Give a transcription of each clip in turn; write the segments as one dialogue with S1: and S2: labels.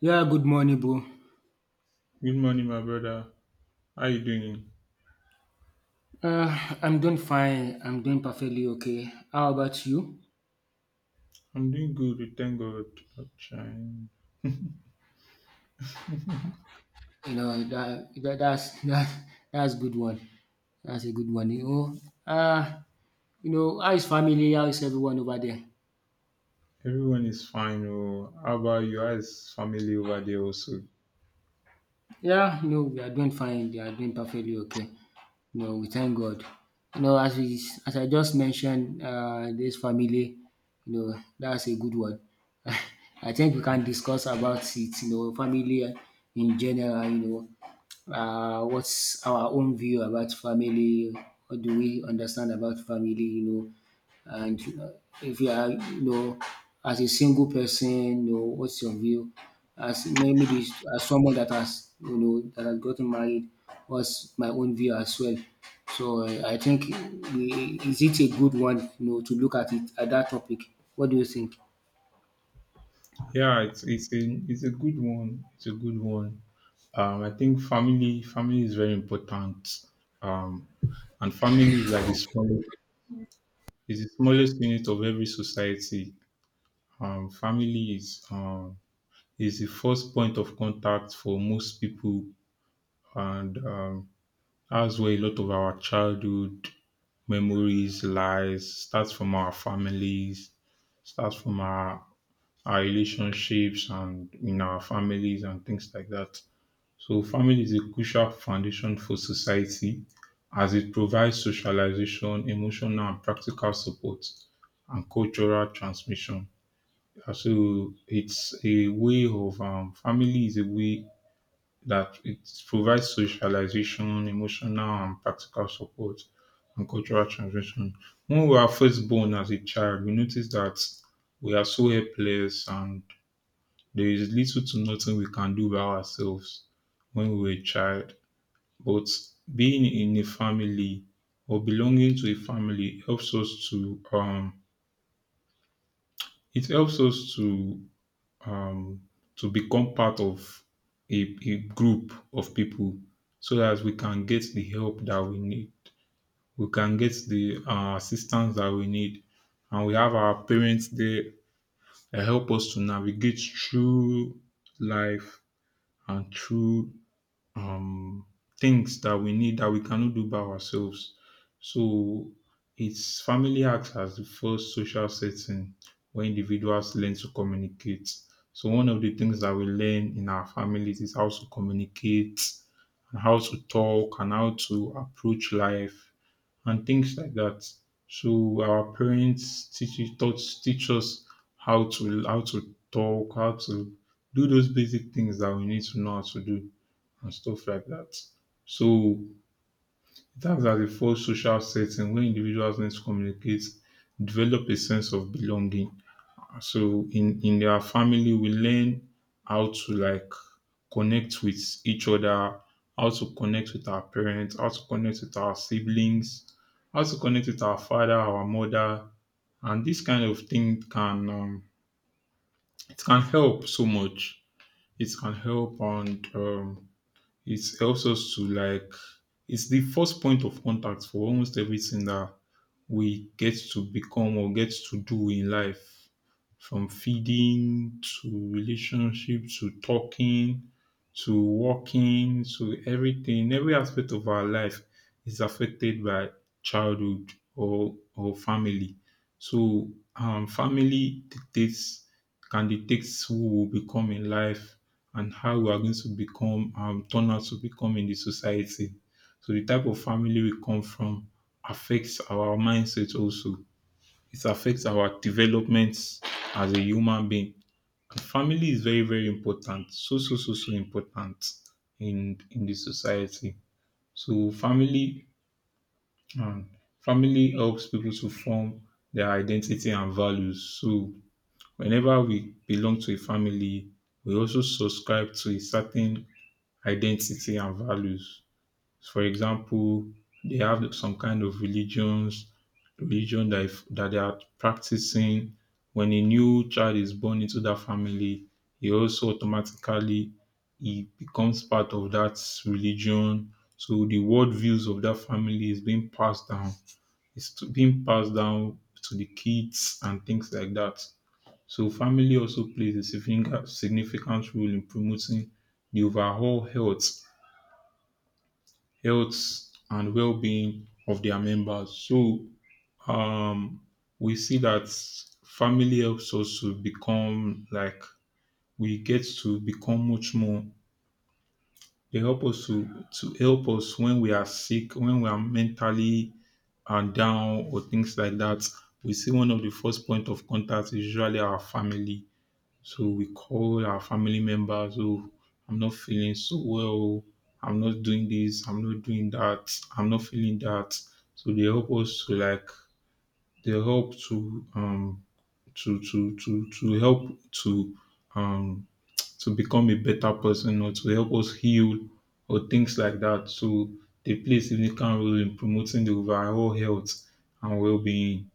S1: Yeah, good morning, bro.
S2: Good morning, my brother. How you doing?
S1: Uh, I'm doing fine. I'm doing perfectly okay. How about you?
S2: I'm doing good, we thank God. Chai.
S1: You know that's that's good one. That's a good one. Uh, you know, how is family? How is everyone over there?
S2: Everyone is fine. Oh, how about you? How is family over there also?
S1: Yeah, no, we are doing fine. They are doing perfectly okay. No, we thank God. You know, as I just mentioned, this family, you know, that's a good one. I think we can discuss about it. You know, family in general. You know, what's our own view about family? What do we understand about family? You know, and if you are, you know, as a single person, you know, what's your view as maybe as someone that has, you know, that has gotten married, what's my own view as well? So I think, is it a good one, you know, to look at it at that topic? What do you think?
S2: Yeah, it's a good one. It's a good one. I think family is very important. Um, and family is like the small is the smallest unit of every society. Family is the first point of contact for most people, and that's where a lot of our childhood memories lies, starts from our families, starts from our relationships and in our families and things like that. So family is a crucial foundation for society as it provides socialization, emotional and practical support and cultural transmission. So it's a way of. Family is a way that it provides socialization, emotional and practical support and cultural transmission. When we are first born as a child, we notice that we are so helpless and there is little to nothing we can do by ourselves when we were a child. But being in a family or belonging to a family helps us to it helps us um, to become part of a group of people so that we can get the help that we need. We can get the assistance that we need. And we have our parents there that help us to navigate through life and through um, things that we need that we cannot do by ourselves. So it's family acts as the first social setting where individuals learn to communicate. So one of the things that we learn in our families is how to communicate and how to talk and how to approach life and things like that. So our parents teach us how to talk, how to do those basic things that we need to know how to do and stuff like that. So it acts as a false social setting where individuals need to communicate, develop a sense of belonging. So in their family, we learn how to like connect with each other, how to connect with our parents, how to connect with our siblings, how to connect with our father, our mother, and this kind of thing can, it can help so much. It can help, and it helps us to like it's the first point of contact for almost everything that we get to become or get to do in life, from feeding to relationship to talking to working to everything, every aspect of our life is affected by childhood or family. So family dictates can dictate who will become in life and how we are going to become turn out to become in the society. So the type of family we come from affects our mindset also. It affects our development as a human being. And family is very, very important. So, so, so, so important in the society. So um, family helps people to form their identity and values. So whenever we belong to a family, we also subscribe to a certain identity and values. For example, they have some kind of religion that, if, that they are practicing. When a new child is born into that family, he also automatically he becomes part of that religion. So the worldviews of that family is being passed down. Being passed down to the kids and things like that. So family also plays a significant role in promoting the overall health and well-being of their members. So um, we see that family helps us to become like we get to become much more. They help us to help us when we are sick, when we are mentally down or things like that. We see one of the first point of contact is usually our family. So we call our family members, oh, I'm not feeling so well. I'm not doing this. I'm not doing that. I'm not feeling that. So they help us to like they help to help um to become a better person or to help us heal or things like that. So they play a significant role in promoting the overall health and well-being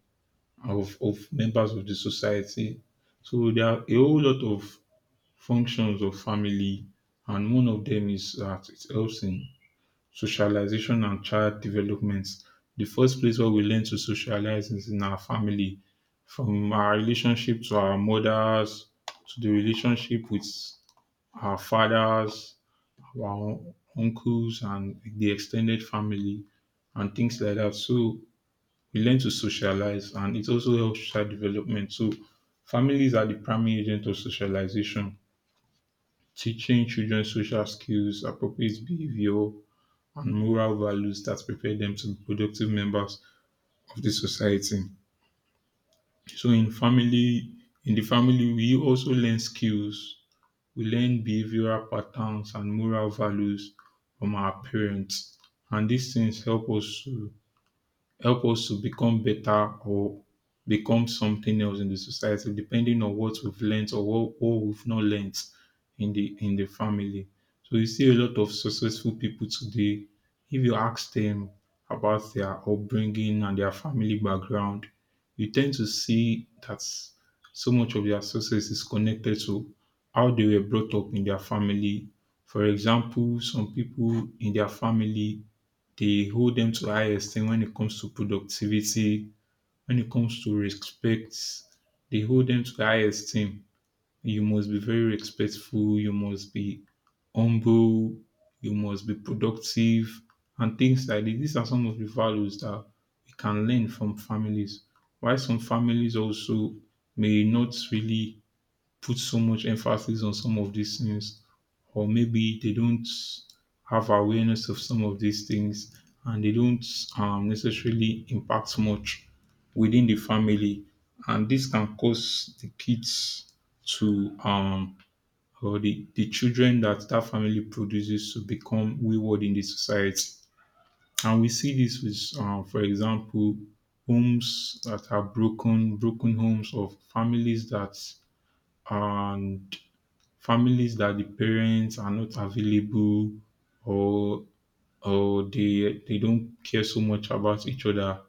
S2: of members of the society. So there are a whole lot of functions of family, and one of them is that it helps in socialization and child development. The first place where we learn to socialize is in our family, from our relationship to our mothers, to the relationship with our fathers, our uncles, and the extended family, and things like that. So we learn to socialize, and it also helps child development. So families are the primary agent of socialization, teaching children social skills, appropriate behavior, and moral values that prepare them to be productive members of the society. So in the family, we also learn skills. We learn behavioral patterns and moral values from our parents, and these things help us to become better or become something else in the society, depending on what we've learned or what we've not learned in the family. So you see a lot of successful people today. If you ask them about their upbringing and their family background, you tend to see that so much of their success is connected to how they were brought up in their family. For example, some people in their family, they hold them to high esteem when it comes to productivity, when it comes to respect, they hold them to high esteem. You must be very respectful, you must be humble, you must be productive, and things like this. These are some of the values that we can learn from families. Why some families also may not really put so much emphasis on some of these things, or maybe they don't have awareness of some of these things, and they don't necessarily impact much within the family, and this can cause the kids to or the children that that family produces to become wayward in the society. And we see this with for example, homes that are broken homes, of families that um families that the parents are not available, or they don't care so much about each other.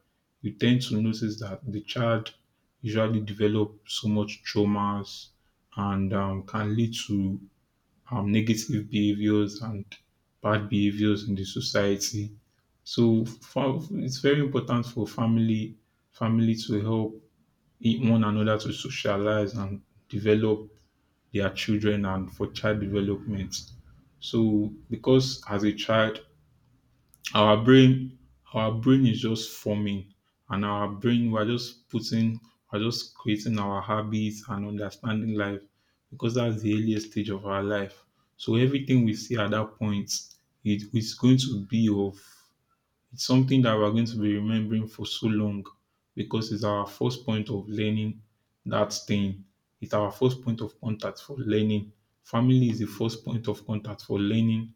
S2: You tend to notice that the child usually develop so much traumas, and can lead to negative behaviors and bad behaviors in the society. So it's very important for family to help one another to socialize and develop their children and for child development. So because as a child, our brain our brain is just forming, and our brain, we're just putting we're just creating our habits and understanding life, because that's the earliest stage of our life. So everything we see at that point, it is going to be of it's something that we're going to be remembering for so long, because it's our first point of learning that thing. It's our first point of contact for learning. Family is the first point of contact for learning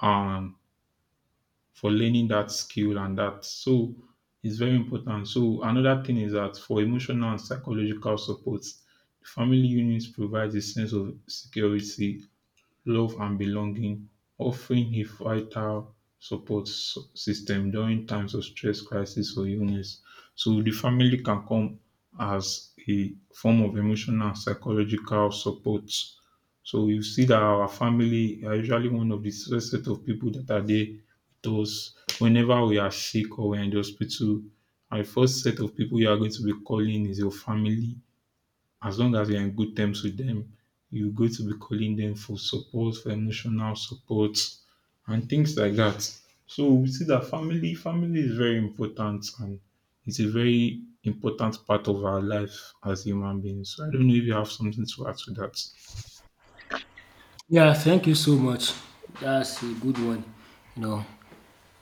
S2: and for learning that skill and that. So it's very important. So another thing is that for emotional and psychological support, the family units provides a sense of security, love and belonging, offering a vital support system during times of stress, crisis, or illness. So the family can come as a form of emotional and psychological support. So you see that our family are usually one of the first set of people that are there with us whenever we are sick or we're in the hospital. Our first set of people you are going to be calling is your family. As long as you're in good terms with them, you're going to be calling them for support, for emotional support, and things like that. So we see that family is very important, and it's a very important part of our life as human beings. So I don't know if you have something to add to that.
S1: Yeah, thank you so much. That's a good one. You know,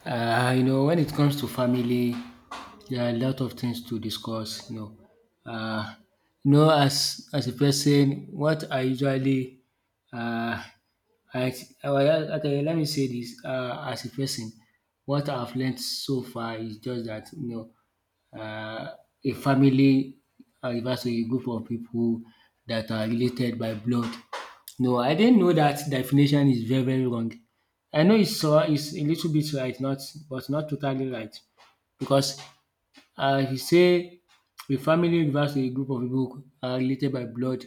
S1: you know, when it comes to family, there are a lot of things to discuss. Know, uh, you know, as a person, what I usually, uh, I, I okay, let me say this. As a person, what I've learned so far is just that, you know, uh, a family, or if I a group of people that are related by blood. No, I didn't know that definition is very, very wrong. I know it's, it's a little bit right, not but not totally right. Because if you say a family refers to a group of people related by blood,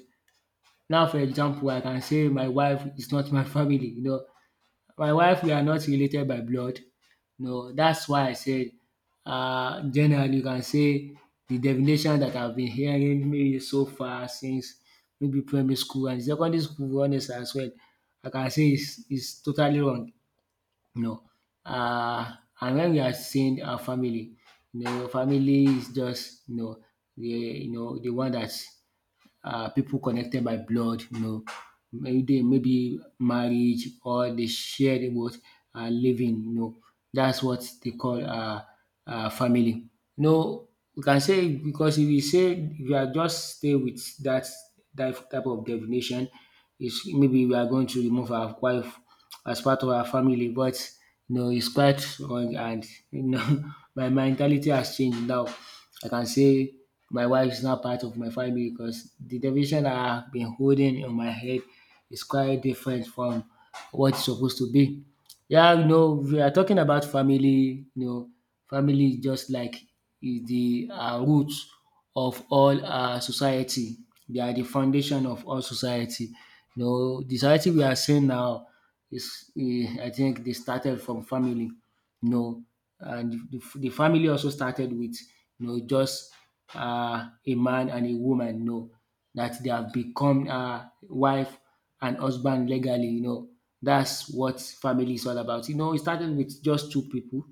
S1: now for example, I can say my wife is not my family, you know, my wife we are not related by blood. No, that's why I said, um, generally you can say the definition that I've been hearing maybe so far since maybe primary school and secondary school honest as well, I can say it's totally wrong, you know. And when we are saying our family, you know, family is just, you know, the the one that's people connected by blood, you know, maybe, marriage, or they share the both living, you know. That's what they call, uh, family. You know, we can say because if you say, if you are just stay with that type of definition, it's maybe we are going to remove our wife as part of our family, but you know, it's quite wrong. And you know, my mentality has changed now. I can say my wife is not part of my family because the division I have been holding in my head is quite different from what it's supposed to be. Yeah, you know, we are talking about family. You know, family is just like is the root of all society. They are the foundation of all society. You know, the society we are seeing now is, eh, I think, they started from family, you know, and the family also started with, you know, just a man and a woman, you know, that they have become wife and husband legally, you know. That's what family is all about. You know, it started with just two people.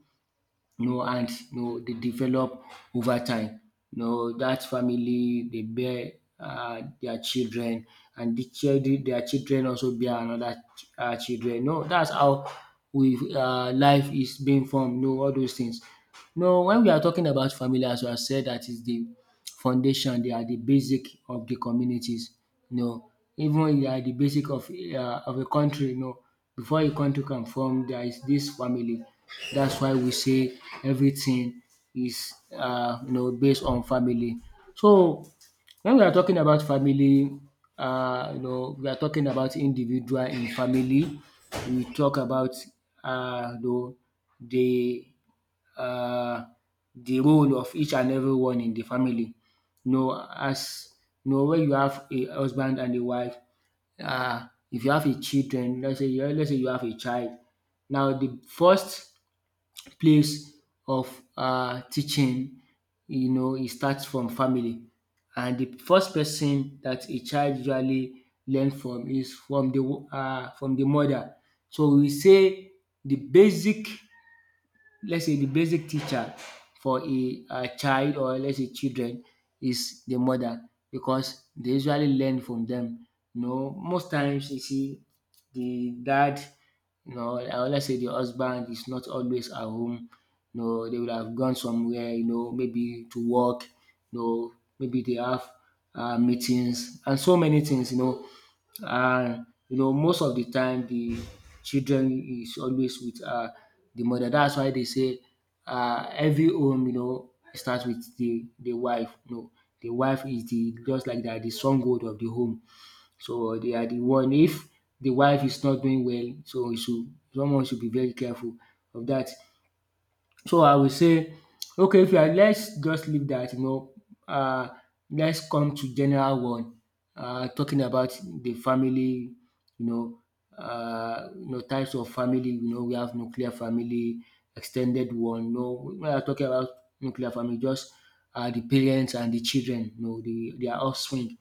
S1: No hands, no, they develop over time. No, that family they bear, um, their children, and their children also bear another, um, children. No, that's how we, um, life is being formed, no, all those things. No, when we are talking about family, as I said, that is the foundation, they are the basic of the communities. You know, even they are the basic of, of a country. You know, before a country can form, there is this family. That's why we say everything is, you know, based on family. So when we are talking about family, you know, we are talking about individual in family. We talk about, you know, the um the role of each and everyone in the family. You know, as you know, when you have a husband and a wife, um, if you have a children, let's say you have a child. Now the first place of, um, teaching, you know, it starts from family, and the first person that a child usually learns from is from the, from the mother. So we say the basic let's say the basic teacher for a child, or let's say children, is the mother because they usually learn from them. You know, most times you see the dad, you know, or let's say the husband is not always at home. You know, they would have gone somewhere, you know, maybe to work, you know, maybe they have meetings and so many things, you know. And you know, most of the time the children is always with, the mother. That's why they say, every home, you know, starts with the wife. You know, the wife is the just like that the stronghold of the home. So they are the one. If the wife is not doing well, so you should someone should be very careful of that. So, I will say okay, if you are, let's just leave that, you know, um, let's come to general one, um, talking about the family, you know, um, you know, types of family, you know, we have nuclear family, extended one, you know. When I are talking about nuclear family, just, um, the parents and the children, you know, their offspring.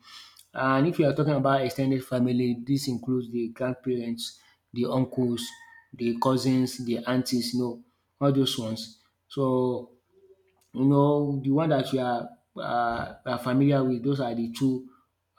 S1: And if you are talking about extended family, this includes the grandparents, the uncles, the cousins, the aunties, you know, all those ones. So you know the one that you are, are familiar with, those are the two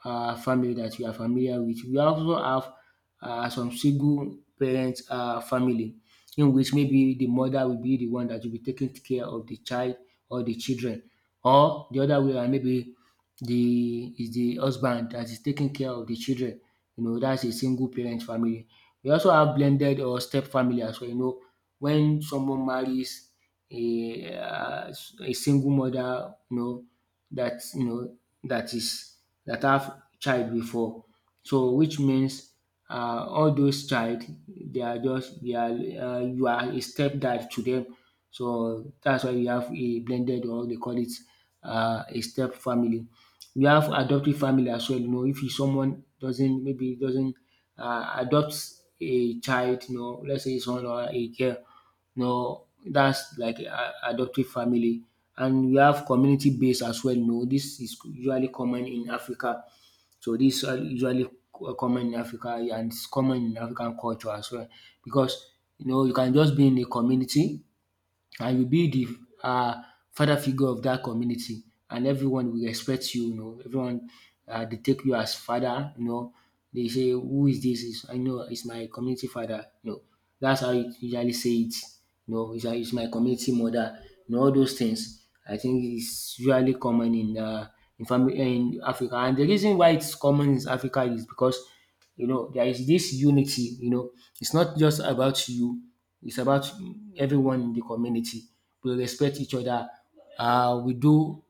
S1: family that you are familiar with. We also have some single parent family in which maybe the mother will be the one that will be taking care of the child or the children, or the other way around, maybe the is the husband that is taking care of the children. You know, that's a single parent family. We also have blended or step family as well. You know, when someone marries a uh, a single mother, you know, that you know that is that have child before. So which means all those child, they are just they are, you are a stepdad to them. So that's why you have a blended or they call it, a step family. We have adoptive family as well, you know, if someone doesn't maybe doesn't adopt a child, you know, let's say someone or a girl, you know, that's like a adoptive family. And we have community based as well, you know, this is usually common in Africa. So this are usually common in Africa, and it's common in African culture as well. Because you know, you can just be in a community and you be the, um, father figure of that community, and everyone will respect you, you know, everyone, um, dey take you as father, you know, they say who is this?" is I know it's my community father, you know. That's how you usually say it, you know, it's is my community mother, you know, all those things. I think it's usually common in, um, in family in Africa, and the reason why it's common in Africa is because you know, there is this unity, you know, it's not just about you, it's about everyone in the community. We respect each other, we do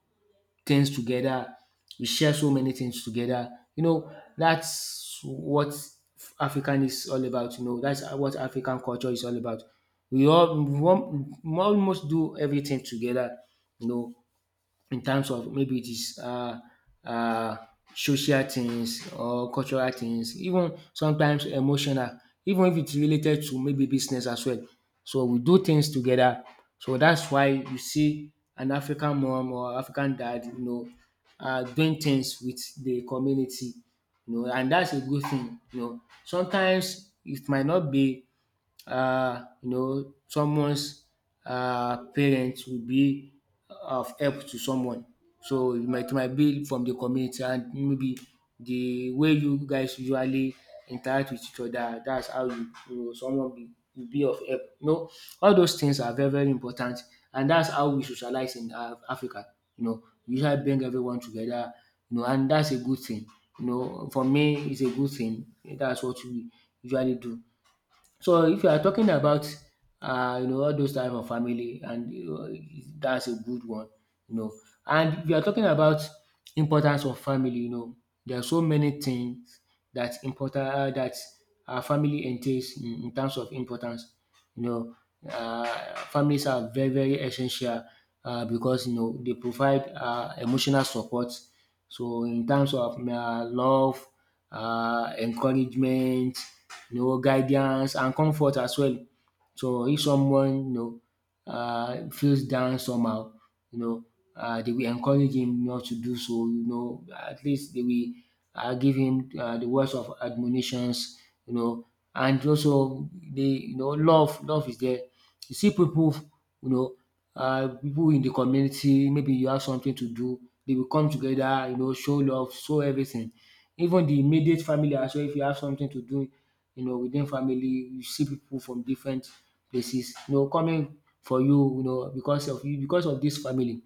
S1: things together, we share so many things together. You know, that's what African is all about, you know, that's what African culture is all about. We all we al- almost do everything together, you know, in terms of maybe it is, uh, social things or cultural things, even sometimes emotional, even if it's related to maybe business as well. So we do things together. So that's why you see an African mom or African dad, you know, doing things with the community, you know, and that's a good thing. You know, sometimes it might not be, you know, someone's parents will be of help to someone. So it might be from the community, and maybe the way you guys usually interact with each other, that's how you, you know, will be of help. You know, all those things are very, very important. And that's how we socialize in Africa. You know, we usually bring everyone together, you know, and that's a good thing. You know, for me, it's a good thing. That's what we usually do. So if you are talking about, you know, all those type of family, and you know, that's a good one, you know. And if you are talking about importance of family, there are so many things that important that our family entails in terms of importance. You know, families are very, very essential because, they provide emotional support. So, in terms of love, encouragement, guidance, and comfort as well. So if someone feels down somehow, you know they will encourage him not to do so, at least they will give him the words of admonitions, you know and also the love is there. You see people, you know, people in the community, maybe you have something to do, they will come together, show love, show everything. Even the immediate family as well, if you have something to do, within family, you see people from different places, coming for you, because of you, because of this family.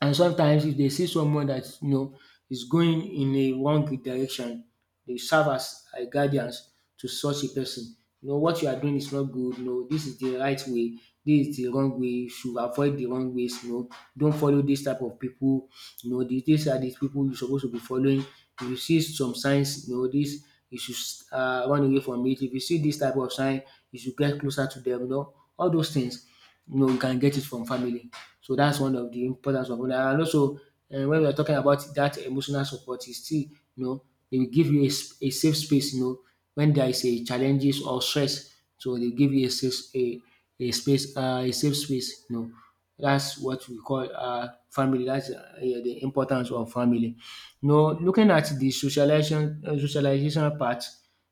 S1: And sometimes if they see someone that is going in a wrong direction, they serve as a guidance to such a person. You know what you are doing is not good. No, this is the right way. This is the wrong way. You should avoid the wrong ways. Don't follow this type of people. These are the people you're supposed to be following. If you see some signs, you know this, you should run away from it. If you see this type of sign, you should get closer to them. All those things you can get it from family. So that's one of the importance of owner. And also, when we are talking about that emotional support, is still, you know, they will give you a safe space, when there is a challenges or stress. So they give you a safe, a space, a safe space. That's what we call family. That's yeah, the importance of family. Looking at the socialization, socialization part,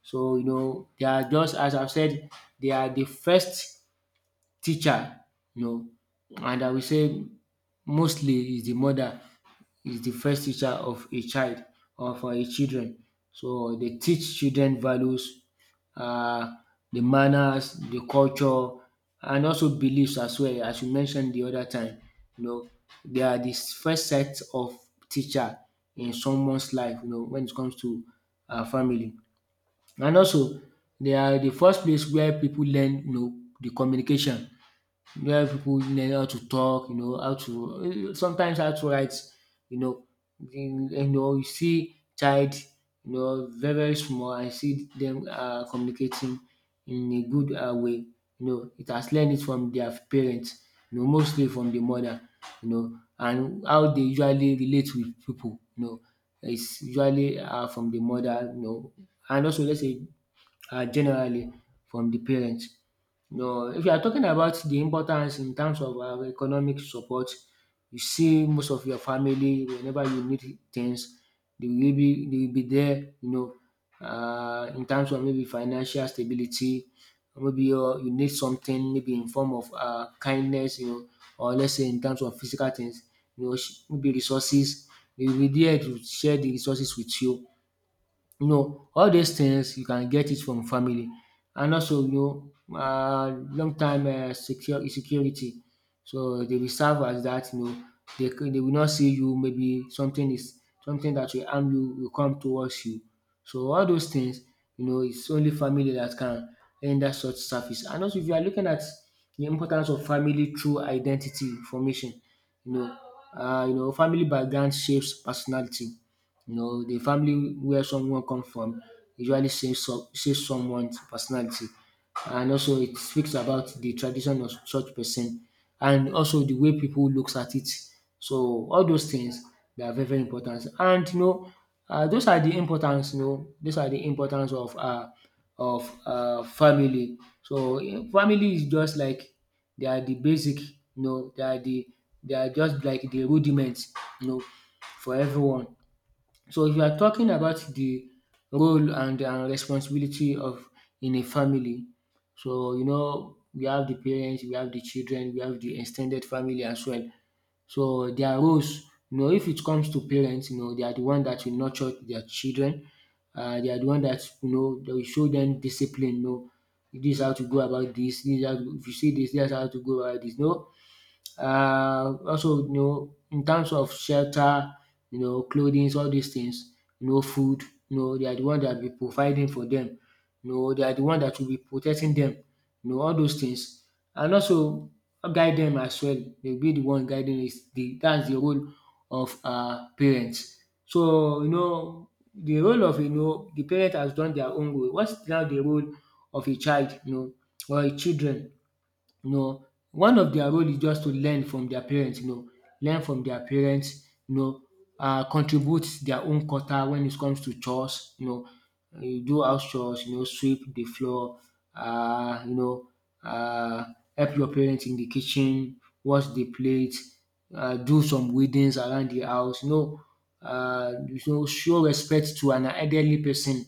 S1: so they are just as I've said, they are the first teacher, you know, and I will say mostly is the mother is the first teacher of a child or for a children. So they teach children values, uh, the manners, the culture, and also beliefs as well. As you mentioned the other time, you know, they are the first set of teacher in someone's life, when it comes to family. And also, they are the first place where people learn, the communication where people learn how to talk, how to sometimes how to write, you know. You see child, very very small. I see them communicating in a good way. It has learned it from their parents. Mostly from the mother. And how they usually relate with people. Is usually from the mother. And also let's say generally from the parents. No, if you are talking about the importance in terms of economic support, you see most of your family whenever you need things, they will be there. In terms of maybe financial stability, or maybe you need something maybe in form of kindness, or let's say in terms of physical things, maybe resources. They will be there to share the resources with you. All these things you can get it from family, and also long time secure insecurity. So they will serve as that. You know dey they will not see you maybe something is something that will harm you will come towards you. So all those things, it's only family that can render such service. And also if you are looking at the importance of family through identity formation, you know family background shapes personality. The family where someone comes from usually says someone's personality. And also it speaks about the tradition of such person and also the way people looks at it. So all those things, they are very, very important. And those are the importance, of family. So family is just like they are the basic, know, they are the they are just like the rudiments, you know, for everyone. So if you are talking about the role and responsibility of in a family, so we have the parents, we have the children, we have the extended family as well. So their roles, if it comes to parents, they are the one that will nurture their children. They are the one that they will show them discipline. This is how to go about this. This is how to, if you see this, that's how to go about this. No, also in terms of shelter, clothing, all these things, food, they are the one that will be providing for them, they are the one that will be protecting them, all those things, and also guide them as well. They will be the one guiding is the that's the role of parents. So the role of the parent has done their own role. What's now the role of a child, or a children you know. One of their role is just to learn from their parents, you know, learn from their parents, you know, contribute their own quota when it comes to chores, you do house chores, sweep the floor. Uh, you know, uh, help your parents in the kitchen, wash the plate, do some weedings around the house. Show respect to an elderly person.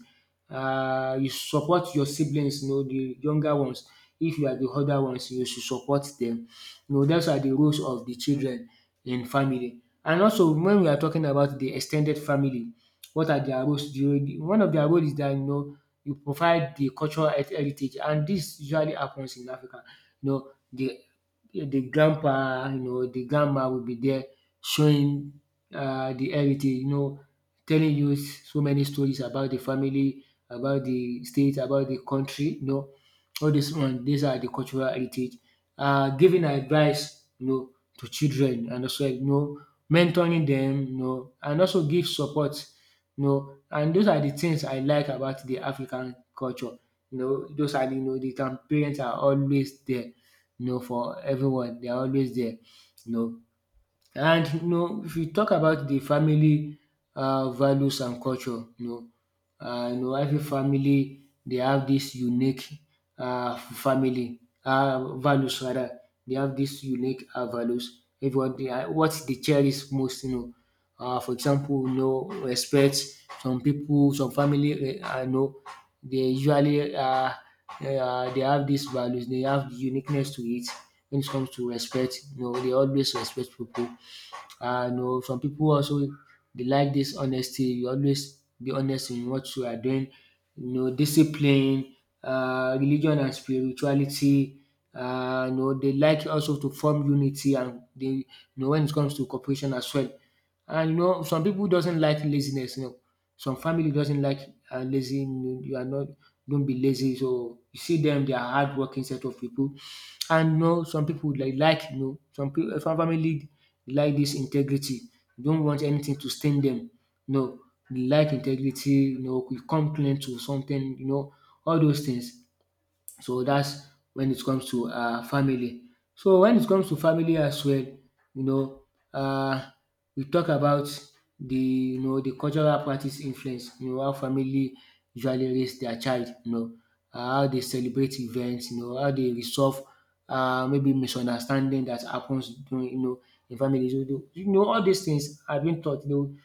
S1: You support your siblings, the younger ones, if you are the other ones you should support them. Dats are the roles of the children in family. And also when we are talking about the extended family, what are their roles? The one of their roles is that you provide the cultural heritage, and this usually happens in Africa. You know the the grandpa, the grandma will be there showing the heritage, telling you so many stories about the family, about the state, about the country, no. All this one, these are the cultural heritage. Giving advice, to children, and also, mentoring them, and also give support, and those are the things I like about the African culture. You know, those are, you know, the parents are always there, for everyone. They are always there, you know. And if you talk about the family values and culture, every family they have this unique family values rather, they have this unique values. Everyone dey what they cherish most, for example, respect. Some people, some family, they usually they have these values. They have the uniqueness to it when it comes to respect. They always respect people. Some people also they like this honesty. You always be honest in what you are doing. Discipline, religion and spirituality. They like also to form unity, and they when it comes to cooperation as well. And some people doesn't like laziness. Some family doesn't like lazy. You are not, don't be lazy. So you see them, they are hardworking set of people. And some people some people, some family like this integrity. They don't want anything to stain them. No, they like integrity. We come clean to something. All those things. So that's when it comes to family. So when it comes to family as well, know, um we talk about the cultural practice influence, how family usually raise their child, how they celebrate events, how they resolve maybe misunderstanding that happens during in families. All these things have been taught. you know,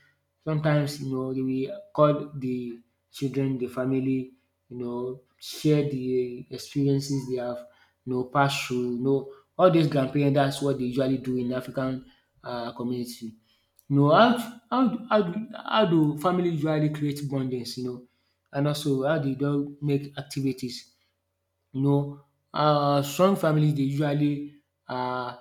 S1: Sometimes, they will call the children, the family, share the experiences they have, passed through, all these grandparents, that's what they usually do in African community. You know, how, how do family usually create bondings, and also how do they do make activities? You know, strong families they usually um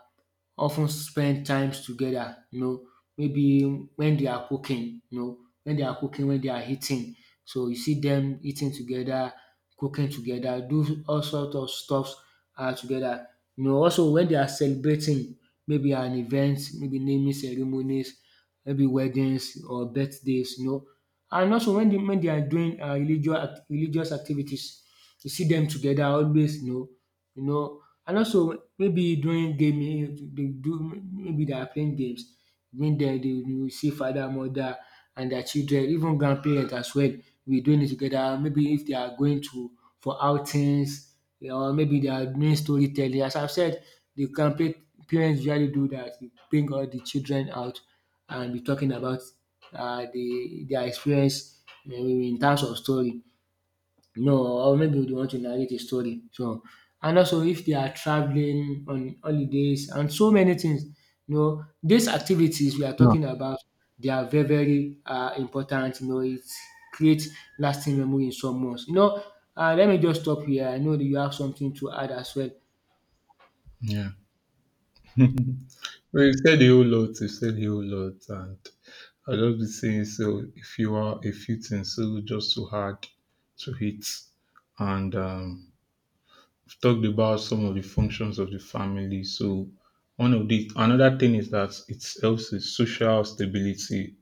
S1: often spend times together, maybe when they are cooking, when they are eating. So you see them eating together, cooking together, do all sorts of stuffs together. Also when they are celebrating maybe an event, maybe naming ceremonies, maybe weddings or birthdays. And also when they are doing religious religious activities, you see them together always, you know and also maybe during gaming they do, maybe they are playing games during den, you will see father, mother and their children, even grandparents as well, we doing it together. Maybe if they are going to for outings, or maybe they are doing storytelling. As I've said, the parents usually do that. Dey bring all the children out and be talking about the their experience in terms of story. No, or maybe they want to narrate a story. So, and also if they are traveling on holidays and so many things, these activities we are
S2: No.
S1: talking about, they are very, very important. It creates lasting memory in someone's. Let me just stop here. I know that you have something to add as well.
S2: Yeah. Well, you said a whole lot. You said a whole lot, and I'll just be saying so. If you are a few things, so just too hard to hit, and we've talked about some of the functions of the family. So one of the another thing is that it helps with social stability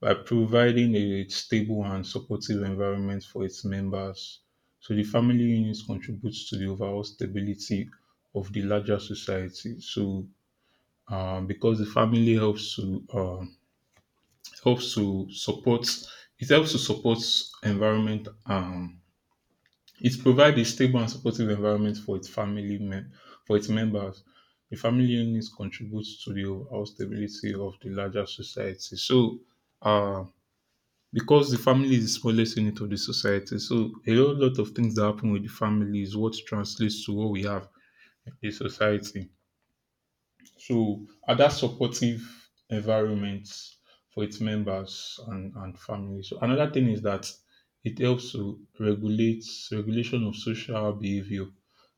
S2: by providing a stable and supportive environment for its members. So the family unit contributes to the overall stability of the larger society. So because the family helps to helps to support it helps to support environment. It provides a stable and supportive environment for its for its members. The family unit contributes to the overall stability of the larger society. So, uh, because the family is the smallest unit of the society, so a whole lot of things that happen with the family is what translates to what we have in the society. So are that supportive environment for its members and family. So another thing is that it helps to regulate regulation of social behavior.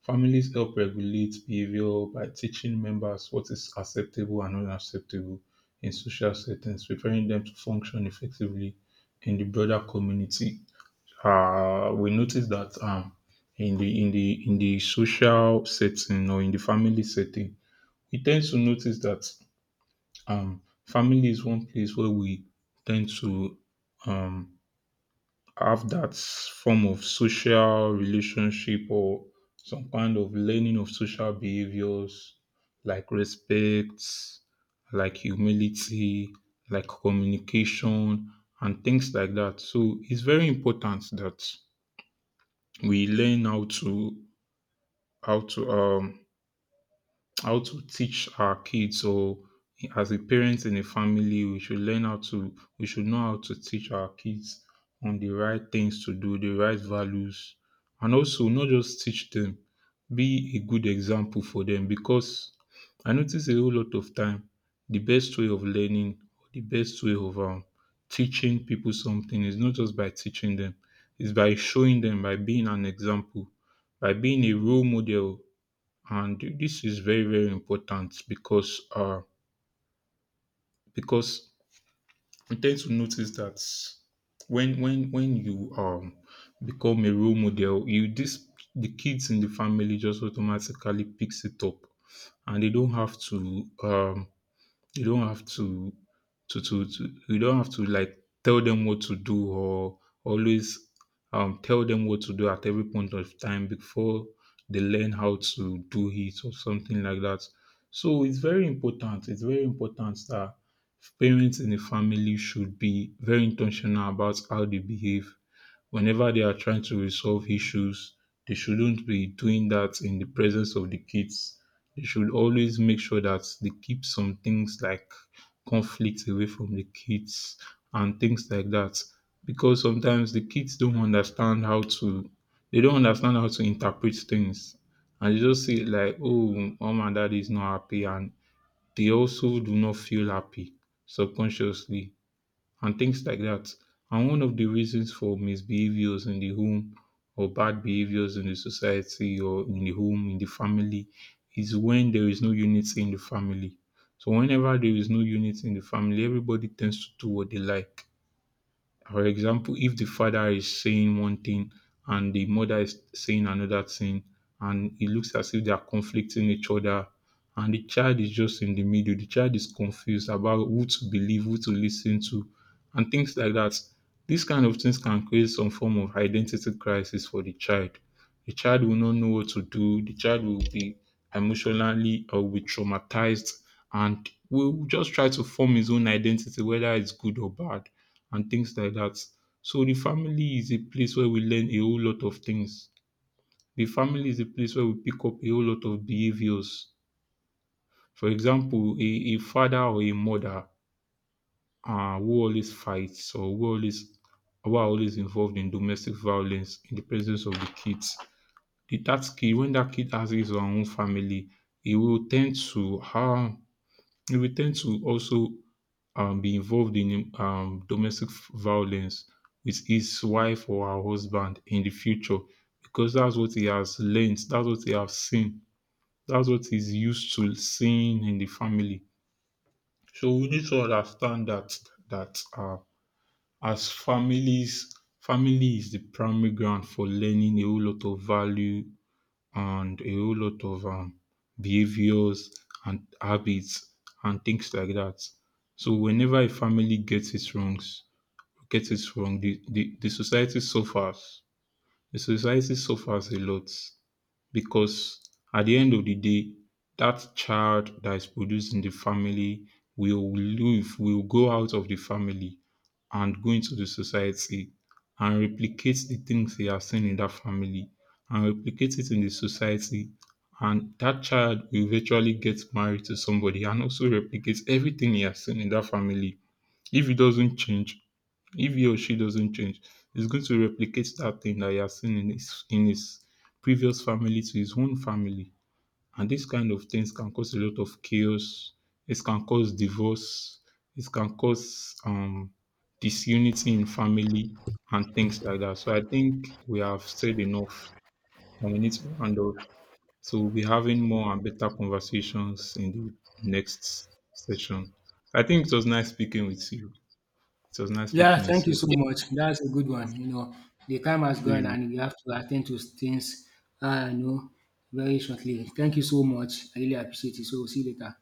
S2: Families help regulate behavior by teaching members what is acceptable and unacceptable in social settings, preparing them to function effectively in the broader community. We notice that in the social setting or in the family setting, we tend to notice that family is one place where we tend to um, have that form of social relationship or some kind of learning of social behaviors like respect, like humility, like communication, and things like that. So it's very important that we learn how to how to um, how to teach our kids, or as a parent in a family, we should learn how to we should know how to teach our kids on the right things to do, the right values, and also not just teach them, be a good example for them. Because I notice a whole lot of time the best way of learning, or the best way of teaching people something is not just by teaching them, it's by showing them, by being an example, by being a role model. And this is very, very important because because we tend to notice that when you become a role model, you this the kids in the family just automatically picks it up, and they don't have to you don't have to you don't have to like tell them what to do, or always tell them what to do at every point of time before they learn how to do it or something like that. So it's very important. It's very important that parents in the family should be very intentional about how they behave. Whenever they are trying to resolve issues, they shouldn't be doing that in the presence of the kids. They should always make sure that they keep some things like conflict away from the kids and things like that. Because sometimes the kids don't understand how to they don't understand how to interpret things. And they just say like, oh, mom and dad is not happy, and they also do not feel happy subconsciously and things like that. And one of the reasons for misbehaviors in the home or bad behaviors in the society or in the home, in the family, is when there is no unity in the family. So whenever there is no unity in the family, everybody tends to do what they like. For example, if the father is saying one thing and the mother is saying another thing, and it looks as if they are conflicting each other, and the child is just in the middle, the child is confused about who to believe, who to listen to, and things like that. These kind of things can create some form of identity crisis for the child. The child will not know what to do. The child will be emotionally or will be traumatized and will just try to form his own identity, whether it's good or bad, and things like that. So the family is a place where we learn a whole lot of things. The family is a place where we pick up a whole lot of behaviors. For example, a father or a mother who always fights, or who are always involved in domestic violence in the presence of the kids, the that kid, when that kid has his own family, he will tend to he will tend to also be involved in domestic violence with his wife or her husband in the future, because that's what he has learned, that's what he has seen, that's what he's used to seeing in the family. So we need to understand that that uh, as families, family is the primary ground for learning a whole lot of value and a whole lot of behaviors and habits and things like that. So whenever a family gets it wrong, the society suffers. The society suffers a lot, because at the end of the day, that child that is produced in the family will leave, will go out of the family and go into the society and replicate the things they have seen in that family and replicate it in the society. And that child will eventually get married to somebody and also replicates everything he has seen in that family. If he doesn't change, if he or she doesn't change, he's going to replicate that thing that he has seen in his previous family to his own family. And these kind of things can cause a lot of chaos. It can cause divorce. It can cause disunity in family and things like that. So I think we have said enough and we need to round up. So we'll be having more and better conversations in the next session. I think it was nice speaking with you. It was nice
S1: Yeah,
S2: speaking with
S1: thank you
S2: you.
S1: so
S2: So
S1: much. That's a good one. The time has
S2: see
S1: gone
S2: you.
S1: and we have to attend to things, uh, you know, very shortly. Thank you so much. I really appreciate it. So, see you later.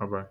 S2: Bye bye.